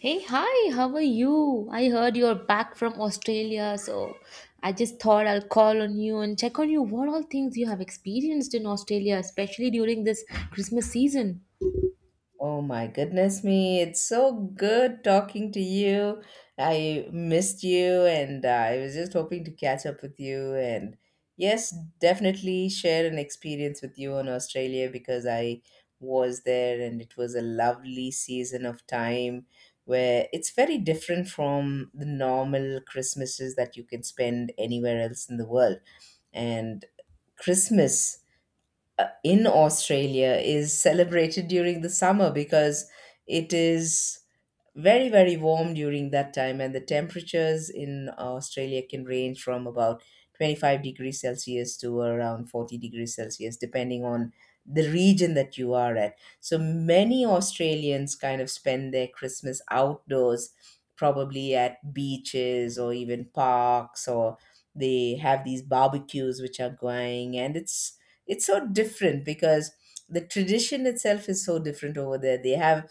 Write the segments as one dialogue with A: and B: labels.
A: Hey, hi, how are you? I heard you're back from Australia, so I just thought I'll call on you and check on you what all things you have experienced in Australia, especially during this Christmas season.
B: Oh my goodness me, it's so good talking to you. I missed you and I was just hoping to catch up with you, and yes, definitely share an experience with you on Australia because I was there and it was a lovely season of time where it's very different from the normal Christmases that you can spend anywhere else in the world. And Christmas in Australia is celebrated during the summer because it is very, very warm during that time, and the temperatures in Australia can range from about 25 degrees Celsius to around 40 degrees Celsius, depending on the region that you are at. So many Australians kind of spend their Christmas outdoors, probably at beaches or even parks, or they have these barbecues which are going, and it's so different because the tradition itself is so different over there. They have,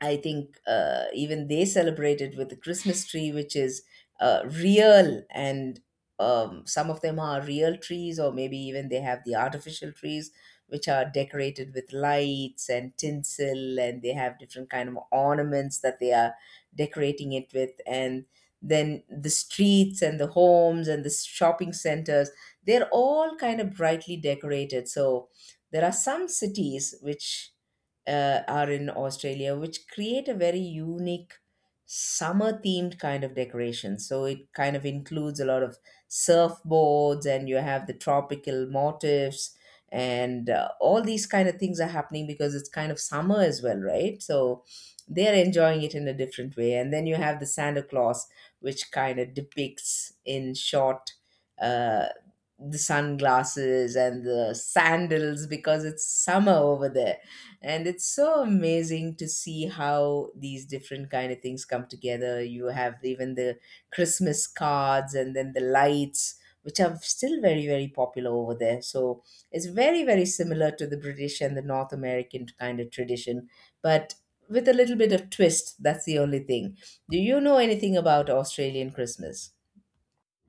B: I think, even they celebrated with the Christmas tree, which is real, and some of them are real trees, or maybe even they have the artificial trees, which are decorated with lights and tinsel, and they have different kind of ornaments that they are decorating it with. And then the streets and the homes and the shopping centers, they're all kind of brightly decorated. So there are some cities which are in Australia, which create a very unique summer themed kind of decoration. So it kind of includes a lot of surfboards, and you have the tropical motifs, and all these kind of things are happening because it's kind of summer as well, right? So they're enjoying it in a different way. And then you have the Santa Claus, which kind of depicts in short. Uh, the sunglasses and the sandals because it's summer over there, and it's so amazing to see how these different kind of things come together. You have even the Christmas cards and then the lights, which are still very, very popular over there. So it's very, very similar to the British and the North American kind of tradition, but with a little bit of twist. That's the only thing. Do you know anything about Australian Christmas?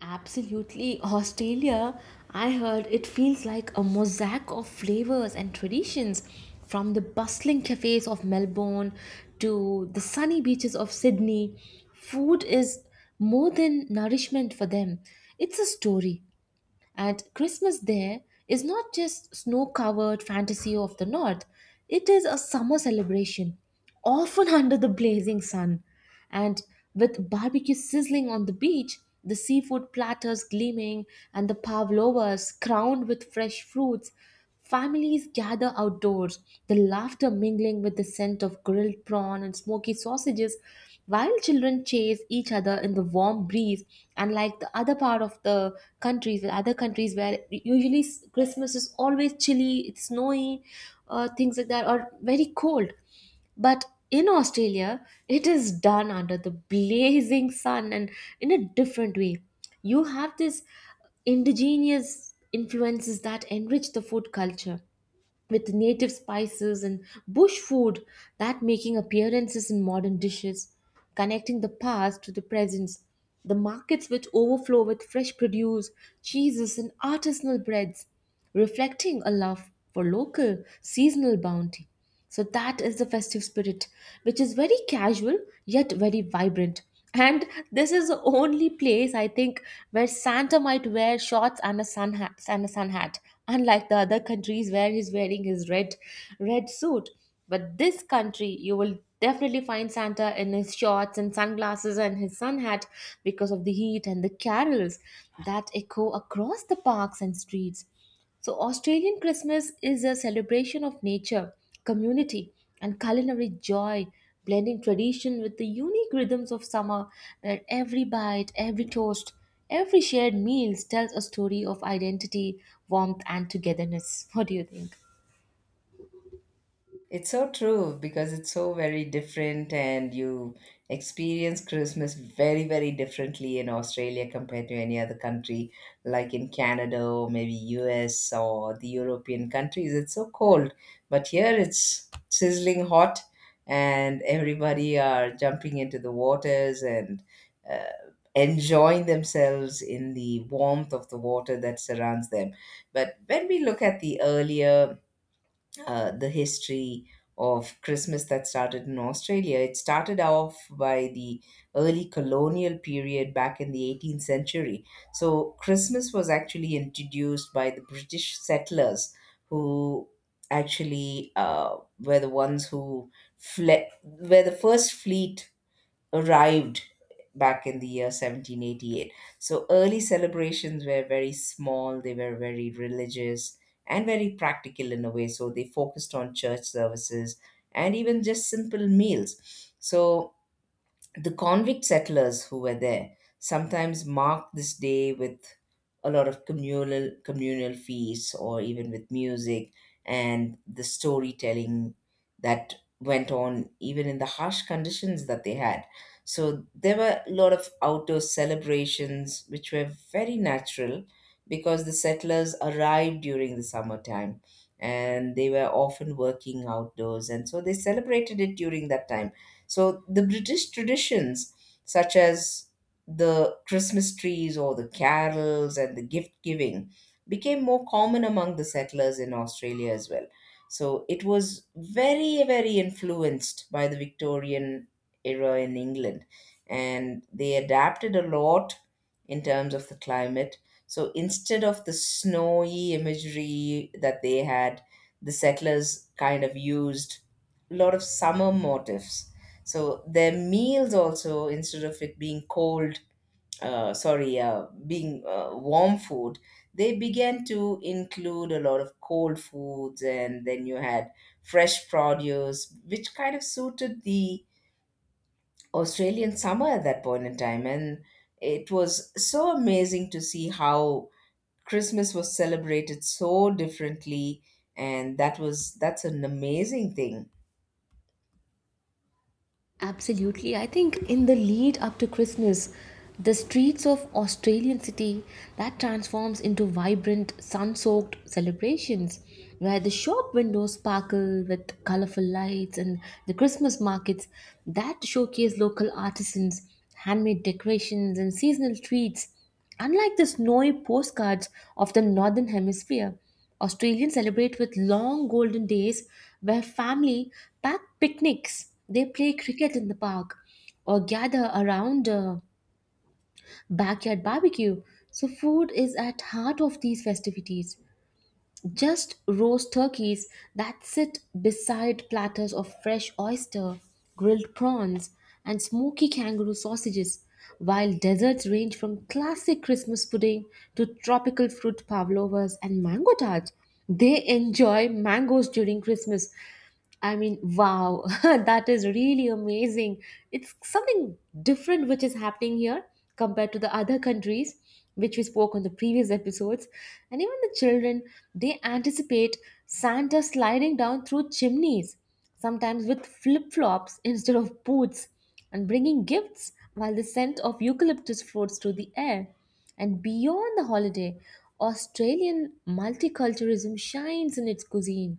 A: Absolutely, Australia, I heard it feels like a mosaic of flavors and traditions from the bustling cafes of Melbourne to the sunny beaches of Sydney. Food is more than nourishment for them, it's a story. And Christmas there is not just snow covered fantasy of the north, it is a summer celebration, often under the blazing sun. And with barbecue sizzling on the beach, the seafood platters gleaming, and the pavlovas crowned with fresh fruits, families gather outdoors, the laughter mingling with the scent of grilled prawn and smoky sausages, while children chase each other in the warm breeze. Unlike the other part of the countries, the other countries where usually Christmas is always chilly, it's snowy, things like that, or very cold. But in Australia, it is done under the blazing sun and in a different way. You have this indigenous influences that enrich the food culture with native spices and bush food that making appearances in modern dishes, connecting the past to the present, the markets which overflow with fresh produce, cheeses and artisanal breads, reflecting a love for local seasonal bounty. So that is the festive spirit, which is very casual yet very vibrant, and this is the only place I think where Santa might wear shorts and a sun hat, and a sun hat, unlike the other countries where he's wearing his red, red suit. But this country, you will definitely find Santa in his shorts and sunglasses and his sun hat because of the heat and the carols that echo across the parks and streets. So, Australian Christmas is a celebration of nature, community, and culinary joy, blending tradition with the unique rhythms of summer, where every bite, every toast, every shared meal tells a story of identity, warmth, and togetherness. What do you think?
B: It's so true because it's so very different, and you experience Christmas very, very differently in Australia compared to any other country, like in Canada or maybe US or the European countries. It's so cold, but here it's sizzling hot, and everybody are jumping into the waters and uh, enjoying themselves in the warmth of the water that surrounds them. But when we look at the earlier the history of Christmas that started in Australia. It started off by the early colonial period back in the 18th century. So, Christmas was actually introduced by the British settlers who actually were the ones who were the first fleet arrived back in the year 1788. So early celebrations were very small, they were very religious and very practical in a way. So they focused on church services and even just simple meals. So the convict settlers who were there sometimes marked this day with a lot of communal feasts or even with music and the storytelling that went on even in the harsh conditions that they had. So there were a lot of outdoor celebrations which were very natural because the settlers arrived during the summertime, and they were often working outdoors, and so they celebrated it during that time. So the British traditions, such as the Christmas trees or the carols and the gift giving, became more common among the settlers in Australia as well. So it was very, very influenced by the Victorian era in England. And they adapted a lot in terms of the climate. So instead of the snowy imagery that they had, the settlers kind of used a lot of summer motifs. So their meals also, instead of it being cold, sorry, being warm food, they began to include a lot of cold foods, and then you had fresh produce, which kind of suited the Australian summer at that point in time. And it was so amazing to see how Christmas was celebrated so differently, and that's an amazing thing.
A: Absolutely. I think in the lead up to Christmas, the streets of Australian city that transforms into vibrant sun-soaked celebrations where the shop windows sparkle with colorful lights and the Christmas markets that showcase local artisans, handmade decorations and seasonal treats, unlike the snowy postcards of the Northern Hemisphere, Australians celebrate with long golden days where family pack picnics. They play cricket in the park or gather around a backyard barbecue. So, food is at heart of these festivities. Just roast turkeys that sit beside platters of fresh oyster, grilled prawns, and smoky kangaroo sausages, while desserts range from classic Christmas pudding to tropical fruit pavlovas and mango tarts. They enjoy mangoes during Christmas. I mean, wow, that is really amazing. It's something different which is happening here compared to the other countries which we spoke on the previous episodes. And even the children, they anticipate Santa sliding down through chimneys, sometimes with flip flops instead of boots, and bringing gifts while the scent of eucalyptus floats through the air. And beyond the holiday, Australian multiculturalism shines in its cuisine,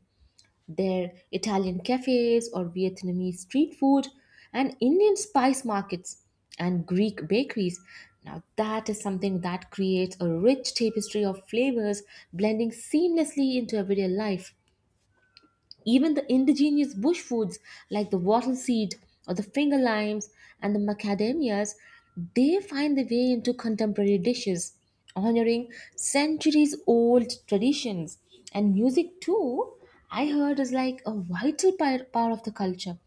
A: their Italian cafes or Vietnamese street food and Indian spice markets and Greek bakeries. Now, that is something that creates a rich tapestry of flavors blending seamlessly into everyday life. Even the indigenous bush foods like the wattle seed or the finger limes and the macadamias, they find their way into contemporary dishes, honoring centuries old traditions. And music, too, I heard is like a vital part of the culture,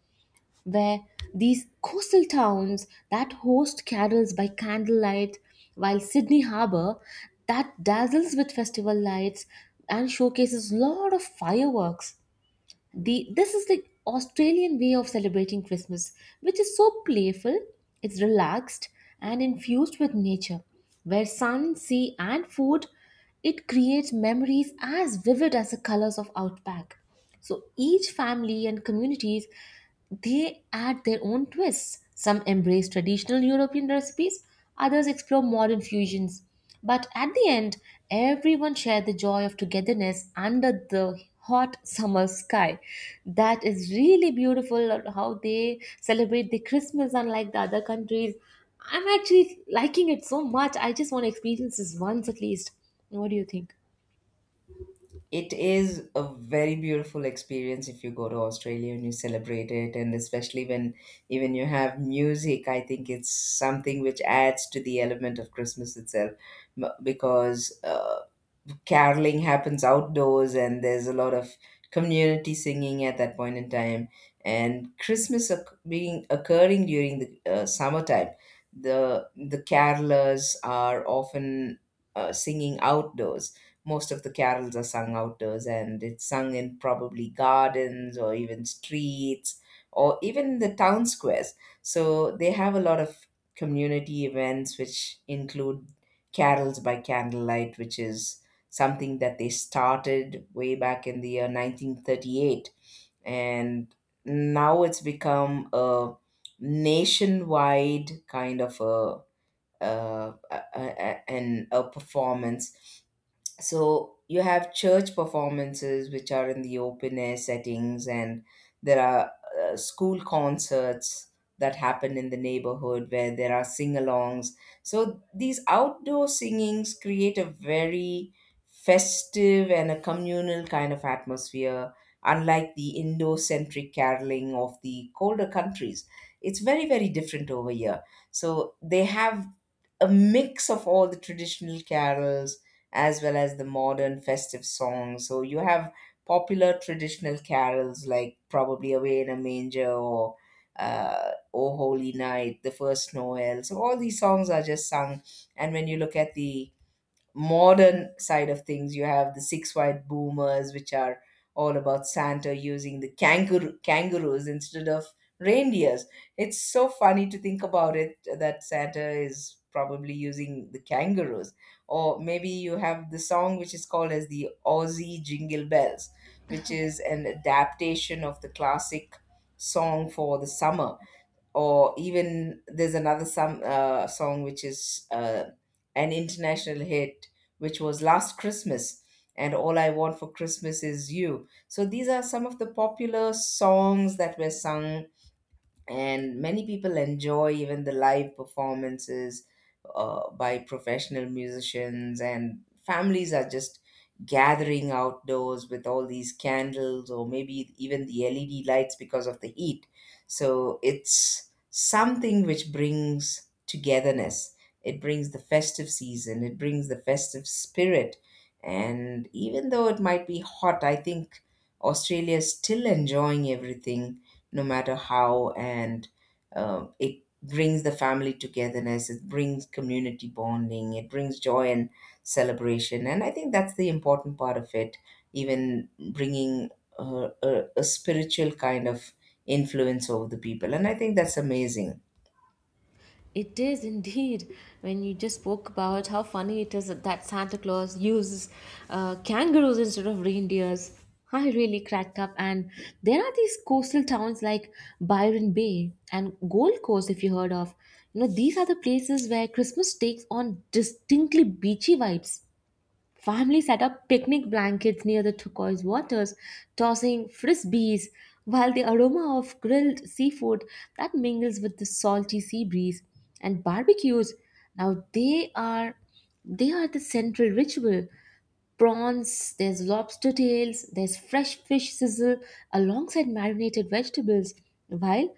A: where these coastal towns that host carols by candlelight while Sydney Harbour that dazzles with festival lights and showcases lot of fireworks. The this is the Australian way of celebrating Christmas, which is so playful, it's relaxed and infused with nature, where sun, sea and food, it creates memories as vivid as the colors of outback. So each family and communities, they add their own twists. Some embrace traditional European recipes, others explore modern fusions, but at the end, everyone shared the joy of togetherness under the hot summer sky. That is really beautiful, how they celebrate the Christmas unlike the other countries. I'm actually liking it so much. I just want to experience this once at least. What do you think?
B: It is a very beautiful experience if you go to Australia and you celebrate it, and especially when even you have music. I think it's something which adds to the element of Christmas itself, because caroling happens outdoors and there's a lot of community singing at that point in time. And being occurring during the summertime, the carolers are often singing outdoors. Most of the carols are sung outdoors, and it's sung in probably gardens or even streets or even the town squares. So they have a lot of community events which include carols by candlelight, which is something that they started way back in the year 1938. And now it's become a nationwide kind of a performance. So you have church performances which are in the open air settings, and there are school concerts that happen in the neighborhood where there are sing-alongs. So these outdoor singings create a very festive and a communal kind of atmosphere, unlike the indo-centric caroling of the colder countries. It's very, very different over here. So they have a mix of all the traditional carols as well as the modern festive songs. So you have popular traditional carols like probably Away in a Manger or O Holy Night, The First Noel. So all these songs are just sung. And when you look at the modern side of things, you have the Six White Boomers, which are all about Santa using the kangaroos instead of reindeers. It's so funny to think about it that Santa is probably using the kangaroos. Or maybe you have the song which is called as the Aussie Jingle Bells, which is an adaptation of the classic song for the summer. Or even there's another some song which is an international hit, which was Last Christmas and All I Want for Christmas Is You. So these are some of the popular songs that were sung, and many people enjoy even the live performances by professional musicians, and families are just gathering outdoors with all these candles or maybe even the LED lights because of the heat. So it's something which brings togetherness. It brings the festive season, it brings the festive spirit. And even though it might be hot, I think Australia is still enjoying everything, no matter how. And it brings the family togetherness, it brings community bonding, it brings joy and celebration, and I think that's the important part of it, even bringing a spiritual kind of influence over the people, and I think that's amazing.
A: It is indeed. When you just spoke about how funny it is that Santa Claus uses kangaroos instead of reindeers, I really cracked up. And there are these coastal towns like Byron Bay and Gold Coast, if you heard of. You know, these are the places where Christmas takes on distinctly beachy vibes. Families set up picnic blankets near the turquoise waters, tossing frisbees, while the aroma of grilled seafood that mingles with the salty sea breeze and barbecues. Now they are, they are the central ritual, prawns, there's lobster tails, there's fresh fish sizzle alongside marinated vegetables, while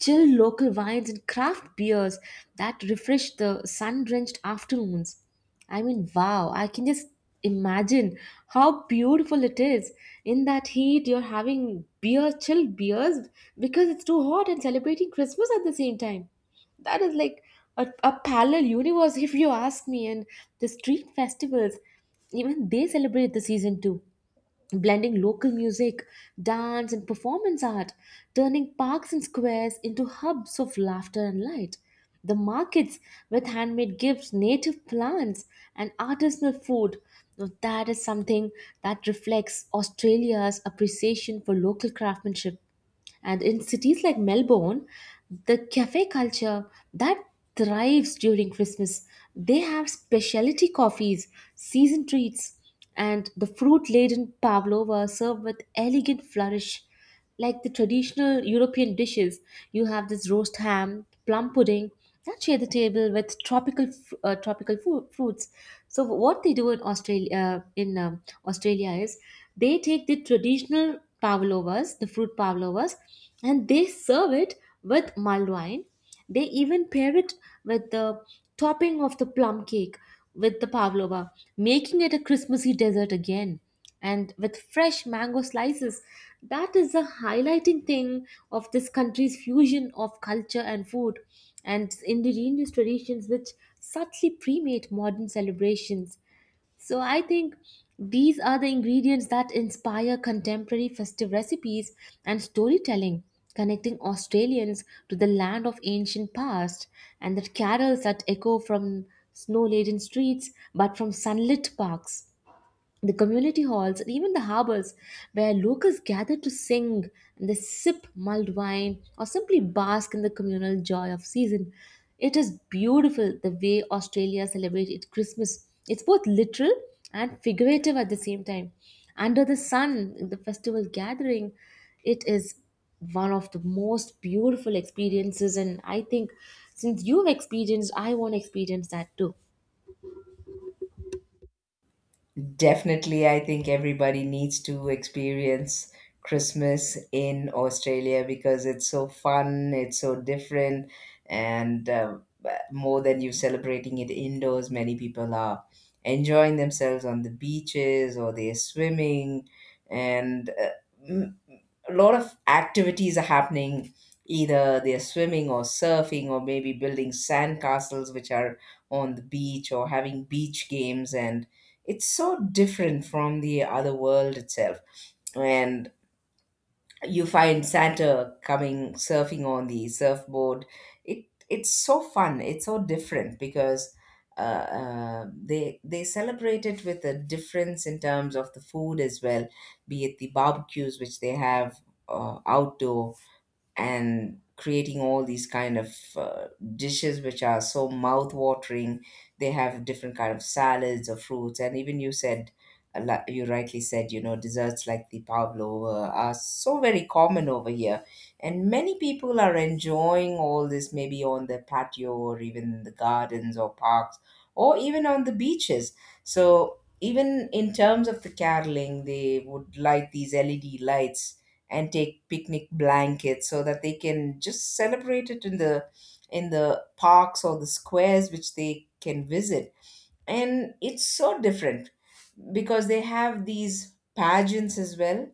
A: chill local wines and craft beers that refresh the sun drenched afternoons. I mean, wow, I can just imagine how beautiful it is. In that heat, you're having beer, chilled beers because it's too hot and celebrating Christmas at the same time, that is like a parallel universe if you ask me. And the street festivals, even they celebrate the season too, blending local music, dance and performance art, turning parks and squares into hubs of laughter and light, the markets with handmade gifts, native plants and artisanal food. Now that is something that reflects Australia's appreciation for local craftsmanship. And in cities like Melbourne, the cafe culture that thrives during Christmas, they have specialty coffees, season treats, and the fruit laden pavlova served with elegant flourish. Like the traditional European dishes, you have this roast ham, plum pudding, yeah, share the table with tropical fruits. So what they do in Australia, in Australia is they take the traditional pavlovas, the fruit pavlovas, and they serve it with mulled wine. They even pair it with the topping of the plum cake with the pavlova, making it a Christmassy dessert again and with fresh mango slices. That is a highlighting thing of this country's fusion of culture and food and indigenous traditions, which subtly premate modern celebrations. So I think these are the ingredients that inspire contemporary festive recipes and storytelling, connecting Australians to the land of ancient past, and the carols that echo from snow-laden streets but from sunlit parks, the community halls and even the harbors where locals gather to sing and they sip mulled wine or simply bask in the communal joy of season. It is beautiful the way Australia celebrates its Christmas. It's both literal and figurative at the same time, under the sun, in the festival gathering. It is one of the most beautiful experiences and I think since you've experienced, I want to experience that too.
B: Definitely, I think everybody needs to experience Christmas in Australia because it's so fun, it's so different, and more than you celebrating it indoors, many people are enjoying themselves on the beaches or they're swimming. And m- a lot of activities are happening. Either they're swimming or surfing or maybe building sand castles which are on the beach, or having beach games, and it's so different from the other world itself. And you find Santa coming surfing on the surfboard. It's so fun. It's so different because uh, they celebrate it with a difference in terms of the food as well, be it the barbecues which they have outdoor, and creating all these kind of dishes which are so mouth watering. They have different kind of salads or fruits, and even you said you rightly said, you know, desserts like the pavlova are so very common over here. And many people are enjoying all this maybe on the patio or even the gardens or parks or even on the beaches. So even in terms of the caroling, they would light these LED lights and take picnic blankets so that they can just celebrate it in the parks or the squares which they can visit. And it's so different because they have these pageants as well.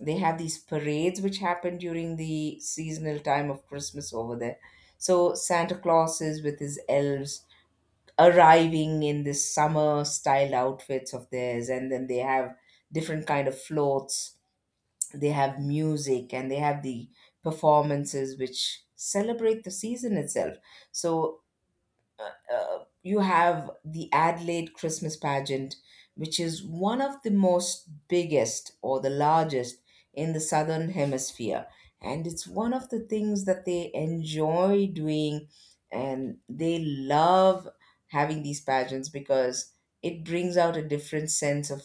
B: They have these parades which happen during the seasonal time of Christmas over there. So Santa Claus is with his elves, arriving in this summer style outfits of theirs, and then they have different kind of floats. They have music, and they have the performances which celebrate the season itself. So you have the Adelaide Christmas pageant, which is one of the most biggest or the largest in the southern hemisphere. And it's one of the things that they enjoy doing, and they love having these pageants because it brings out a different sense of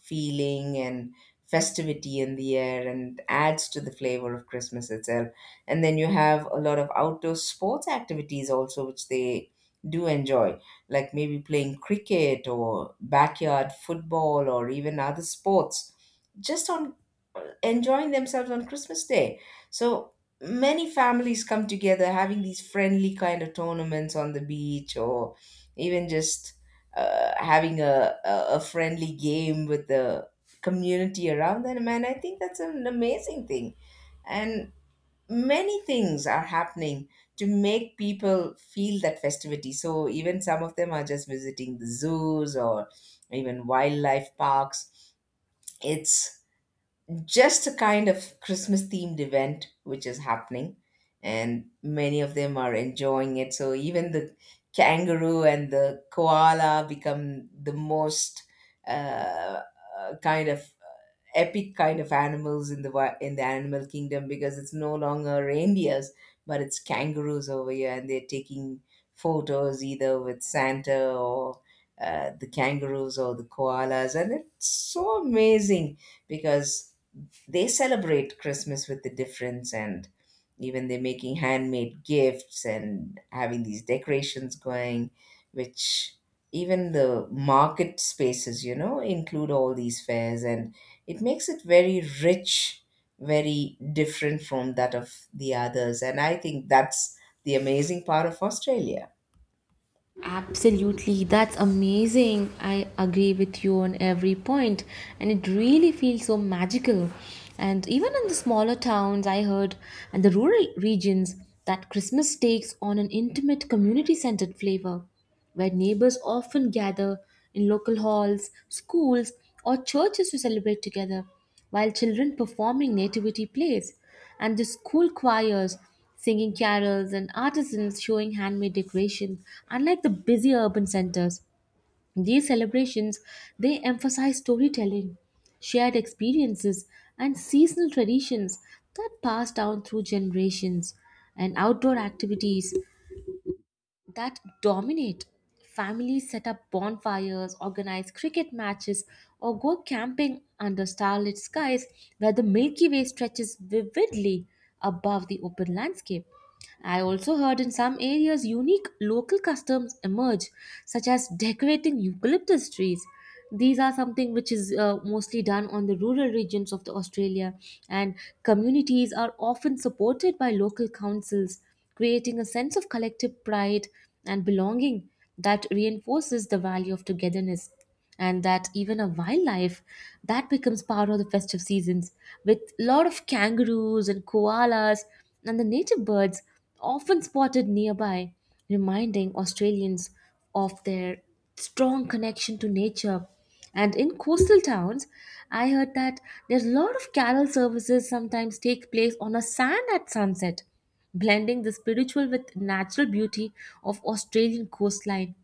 B: feeling and festivity in the air and adds to the flavor of Christmas itself. And then you have a lot of outdoor sports activities also, which they do enjoy, like maybe playing cricket or backyard football or even other sports, just on enjoying themselves on Christmas Day. So many families come together having these friendly kind of tournaments on the beach or even just having a friendly game with the community around them. And I think that's an amazing thing. And many things are happening to make people feel that festivity. So even some of them are just visiting the zoos or even wildlife parks. It's just a kind of Christmas themed event which is happening, and many of them are enjoying it. So even the kangaroo and the koala become the most uh, kind of epic kind of animals in the in the animal kingdom because it's no longer reindeers but it's kangaroos over here, and they're taking photos either with Santa or the kangaroos or the koalas, and it's so amazing because they celebrate Christmas with the difference. And even they're making handmade gifts and having these decorations going, which even the market spaces, you know, include all these fairs, and it makes it very rich, very different from that of the others. And I think that's the amazing part of Australia.
A: Absolutely, that's amazing. I agree with you on every point, and it really feels so magical. And even in the smaller towns, I heard, and the rural regions, that Christmas takes on an intimate, community centered flavor where neighbors often gather in local halls, schools, or churches to celebrate together, while children performing nativity plays, and the school choirs singing carols and artisans showing handmade decorations, unlike the busy urban centers. These celebrations, they emphasize storytelling, shared experiences, and seasonal traditions that pass down through generations, and outdoor activities that dominate. Families set up bonfires, organize cricket matches, or go camping under starlit skies where the Milky Way stretches vividly above the open landscape. I also heard in some areas unique local customs emerge, such as decorating eucalyptus trees. These are something which is mostly done on the rural regions of the Australia, and communities are often supported by local councils, creating a sense of collective pride and belonging that reinforces the value of togetherness, and that even a wildlife that becomes part of the festive seasons with a lot of kangaroos and koalas and the native birds often spotted nearby, reminding Australians of their strong connection to nature. And in coastal towns, I heard that there's a lot of carol services sometimes take place on a sand at sunset, blending the spiritual with natural beauty of Australian coastline.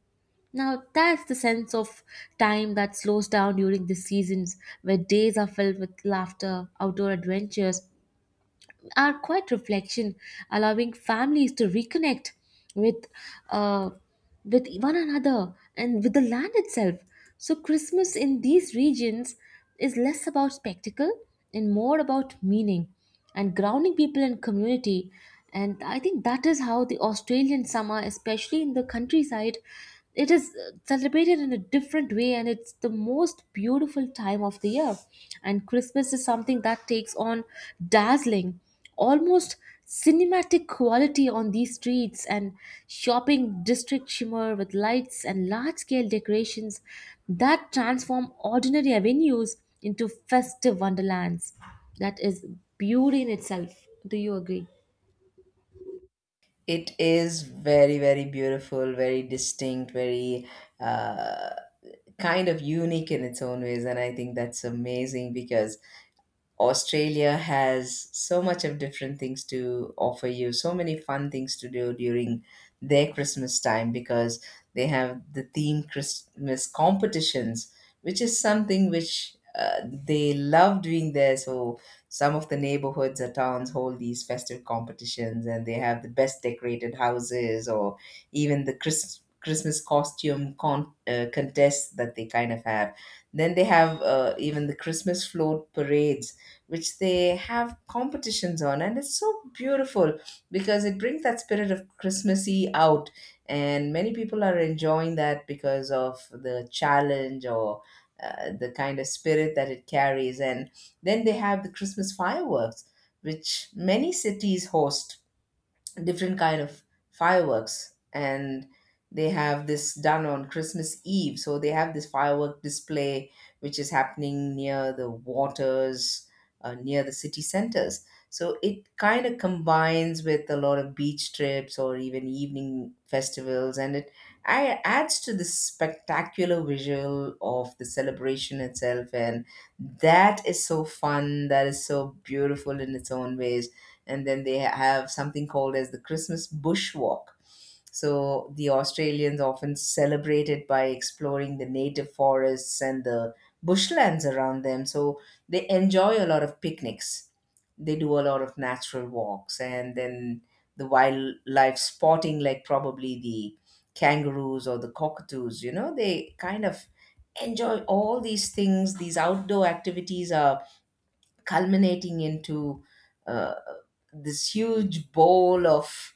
A: Now that's the sense of time that slows down during the seasons where days are filled with laughter, outdoor adventures are quite reflection, allowing families to reconnect with uh, with one another and with the land itself. So Christmas in these regions is less about spectacle and more about meaning and grounding people in community. And I think that is how the Australian summer, especially in the countryside, it is celebrated in a different way and it's the most beautiful time of the year, and Christmas is something that takes on dazzling, almost cinematic quality on these streets, and shopping district shimmer with lights and large scale decorations that transform ordinary avenues into festive wonderlands. That is beauty in itself, do you agree?
B: It is very, very beautiful, very distinct, very uh, kind of unique in its own ways, and I think that's amazing because Australia has so much of different things to offer you, so many fun things to do during their Christmas time because they have the theme Christmas competitions, which is something which they love doing there. So some of the neighborhoods or towns hold these festive competitions, and they have the best decorated houses or even the Christmas costume contests that they kind of have. Then they have even the Christmas float parades, which they have competitions on, and it's so beautiful because it brings that spirit of christmassy out, and many people are enjoying that because of the challenge or the kind of spirit that it carries. And then they have the Christmas fireworks, which many cities host different kind of fireworks, and they have this done on Christmas Eve. So they have this firework display which is happening near the waters, near the city centers. So it kind of combines with a lot of beach trips or even evening festivals, and it adds to the spectacular visual of the celebration itself, and that is so fun, that is so beautiful in its own ways. And then they have something called as the Christmas bush walk. So the Australians often celebrate it by exploring the native forests and the bushlands around them. So they enjoy a lot of picnics. They do a lot of natural walks, and then the wildlife spotting, like probably the kangaroos or the cockatoos, you know, they kind of enjoy all these things. These outdoor activities are culminating into uh, this huge bowl of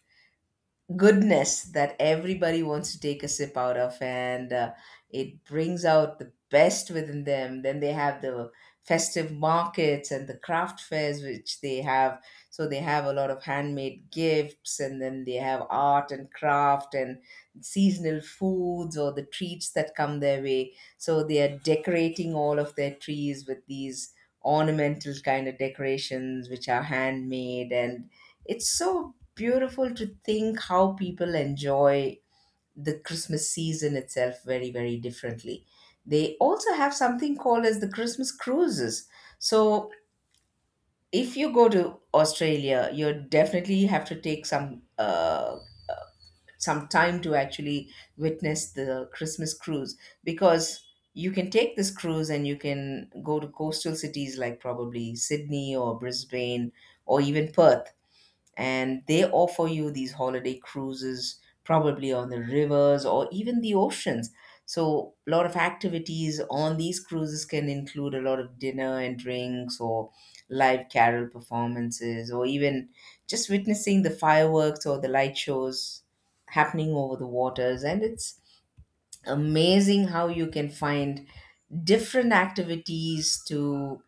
B: goodness that everybody wants to take a sip out of. And it brings out the best within them. Then they have the festive markets and the craft fairs which they have, so they have a lot of handmade gifts, and then they have art and craft and seasonal foods or the treats that come their way. So they are decorating all of their trees with these ornamental kind of decorations which are handmade, and it's so beautiful to think how people enjoy the Christmas season itself very, very differently. They also have something called as the Christmas cruises. So if you go to Australia, you definitely have to take some time to actually witness the Christmas cruise, because you can take this cruise and you can go to coastal cities like probably Sydney or Brisbane or even Perth, and they offer you these holiday cruises probably on the rivers or even the oceans. So a lot of activities on these cruises can include a lot of dinner and drinks or live carol performances or even just witnessing the fireworks or the light shows happening over the waters. And it's amazing how you can find different activities to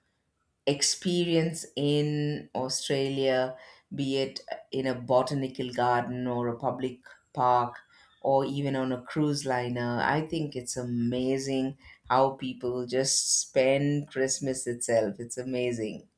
B: experience in Australia, be it in a botanical garden or a public park or even on a cruise liner. I think it's amazing how people just spend Christmas itself. It's amazing.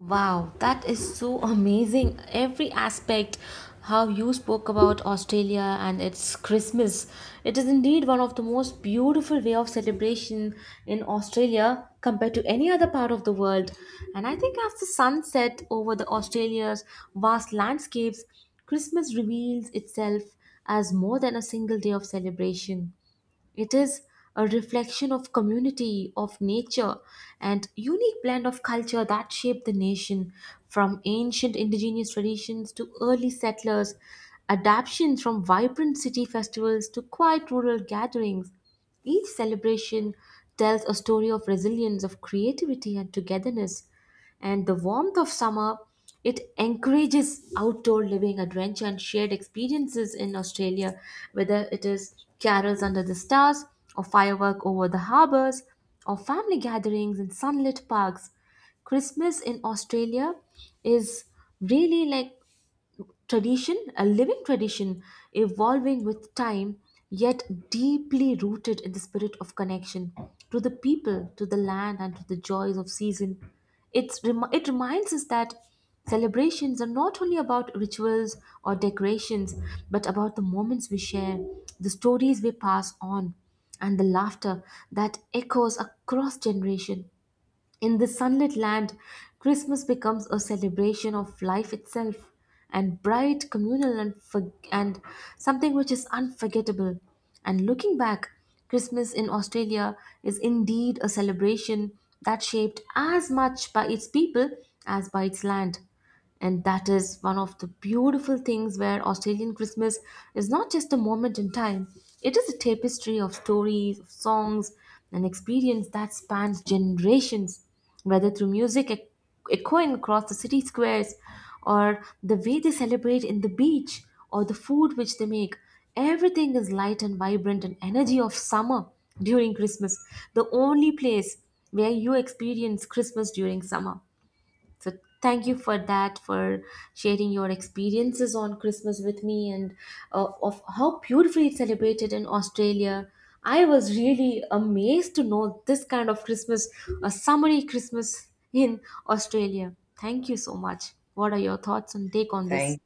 A: Wow, that is so amazing. Every aspect, how you spoke about Australia and its Christmas. It is indeed one of the most beautiful way of celebration in Australia compared to any other part of the world. And I think as the sun set over the Australia's vast landscapes, Christmas reveals itself as more than a single day of celebration. It is a reflection of community, of nature, and unique blend of culture that shaped the nation from ancient indigenous traditions to early settlers, adaptations from vibrant city festivals to quiet rural gatherings. Each celebration tells a story of resilience, of creativity, and togetherness. And the warmth of summer, it encourages outdoor living, adventure, and shared experiences in Australia, whether it is carols under the stars, or firework over the harbors, or family gatherings in sunlit parks. Christmas in Australia is really like tradition, a living tradition, evolving with time, yet deeply rooted in the spirit of connection to the people, to the land, and to the joys of season. It reminds us that celebrations are not only about rituals or decorations, but about the moments we share, the stories we pass on, and the laughter that echoes across generation. In this sunlit land, Christmas becomes a celebration of life itself and bright, communal, and something which is unforgettable. And looking back, Christmas in Australia is indeed a celebration that shaped as much by its people as by its land, and that is one of the beautiful things where Australian Christmas is not just a moment in time, it is a tapestry of stories, of songs and experience that spans generations, whether through music echoing across the city squares, or the way they celebrate in the beach, or the food which they make. Everything is light and vibrant and energy of summer during Christmas, the only place where you experience Christmas during summer. So thank you for that, for sharing your experiences on Christmas with me and of how beautifully it's celebrated in Australia. I was really amazed to know this kind of Christmas, a summery Christmas in Australia. Thank you so much. What are your thoughts and take on this?
B: Thank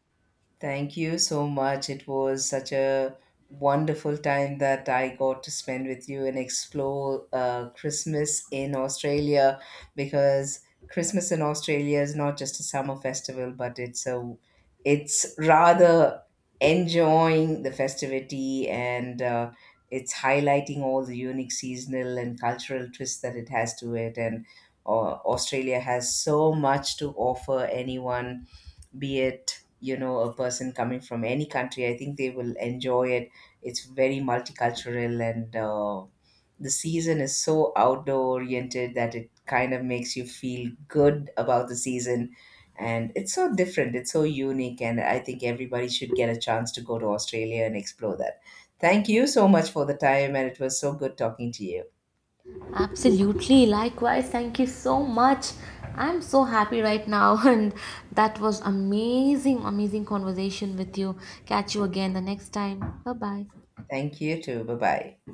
B: Thank you so much. It was such a wonderful time that I got to spend with you and explore Christmas in Australia, because Christmas in Australia is not just a summer festival, but it's a it's rather enjoying the festivity, and it's highlighting all the unique seasonal and cultural twists that it has to it. And Australia has so much to offer anyone, be it, you know, a person coming from any country, I think they will enjoy it. It's very multicultural, and the season is so outdoor oriented that it kind of makes you feel good about the season. And it's so different, it's so unique, and I think everybody should get a chance to go to Australia and explore that. Thank you so much for the time, and it was so good talking to you.
A: Absolutely. Likewise, thank you so much. I'm so happy right now, and that was amazing, amazing conversation with you. Catch you again the next time. Bye bye.
B: Thank you too. Bye bye.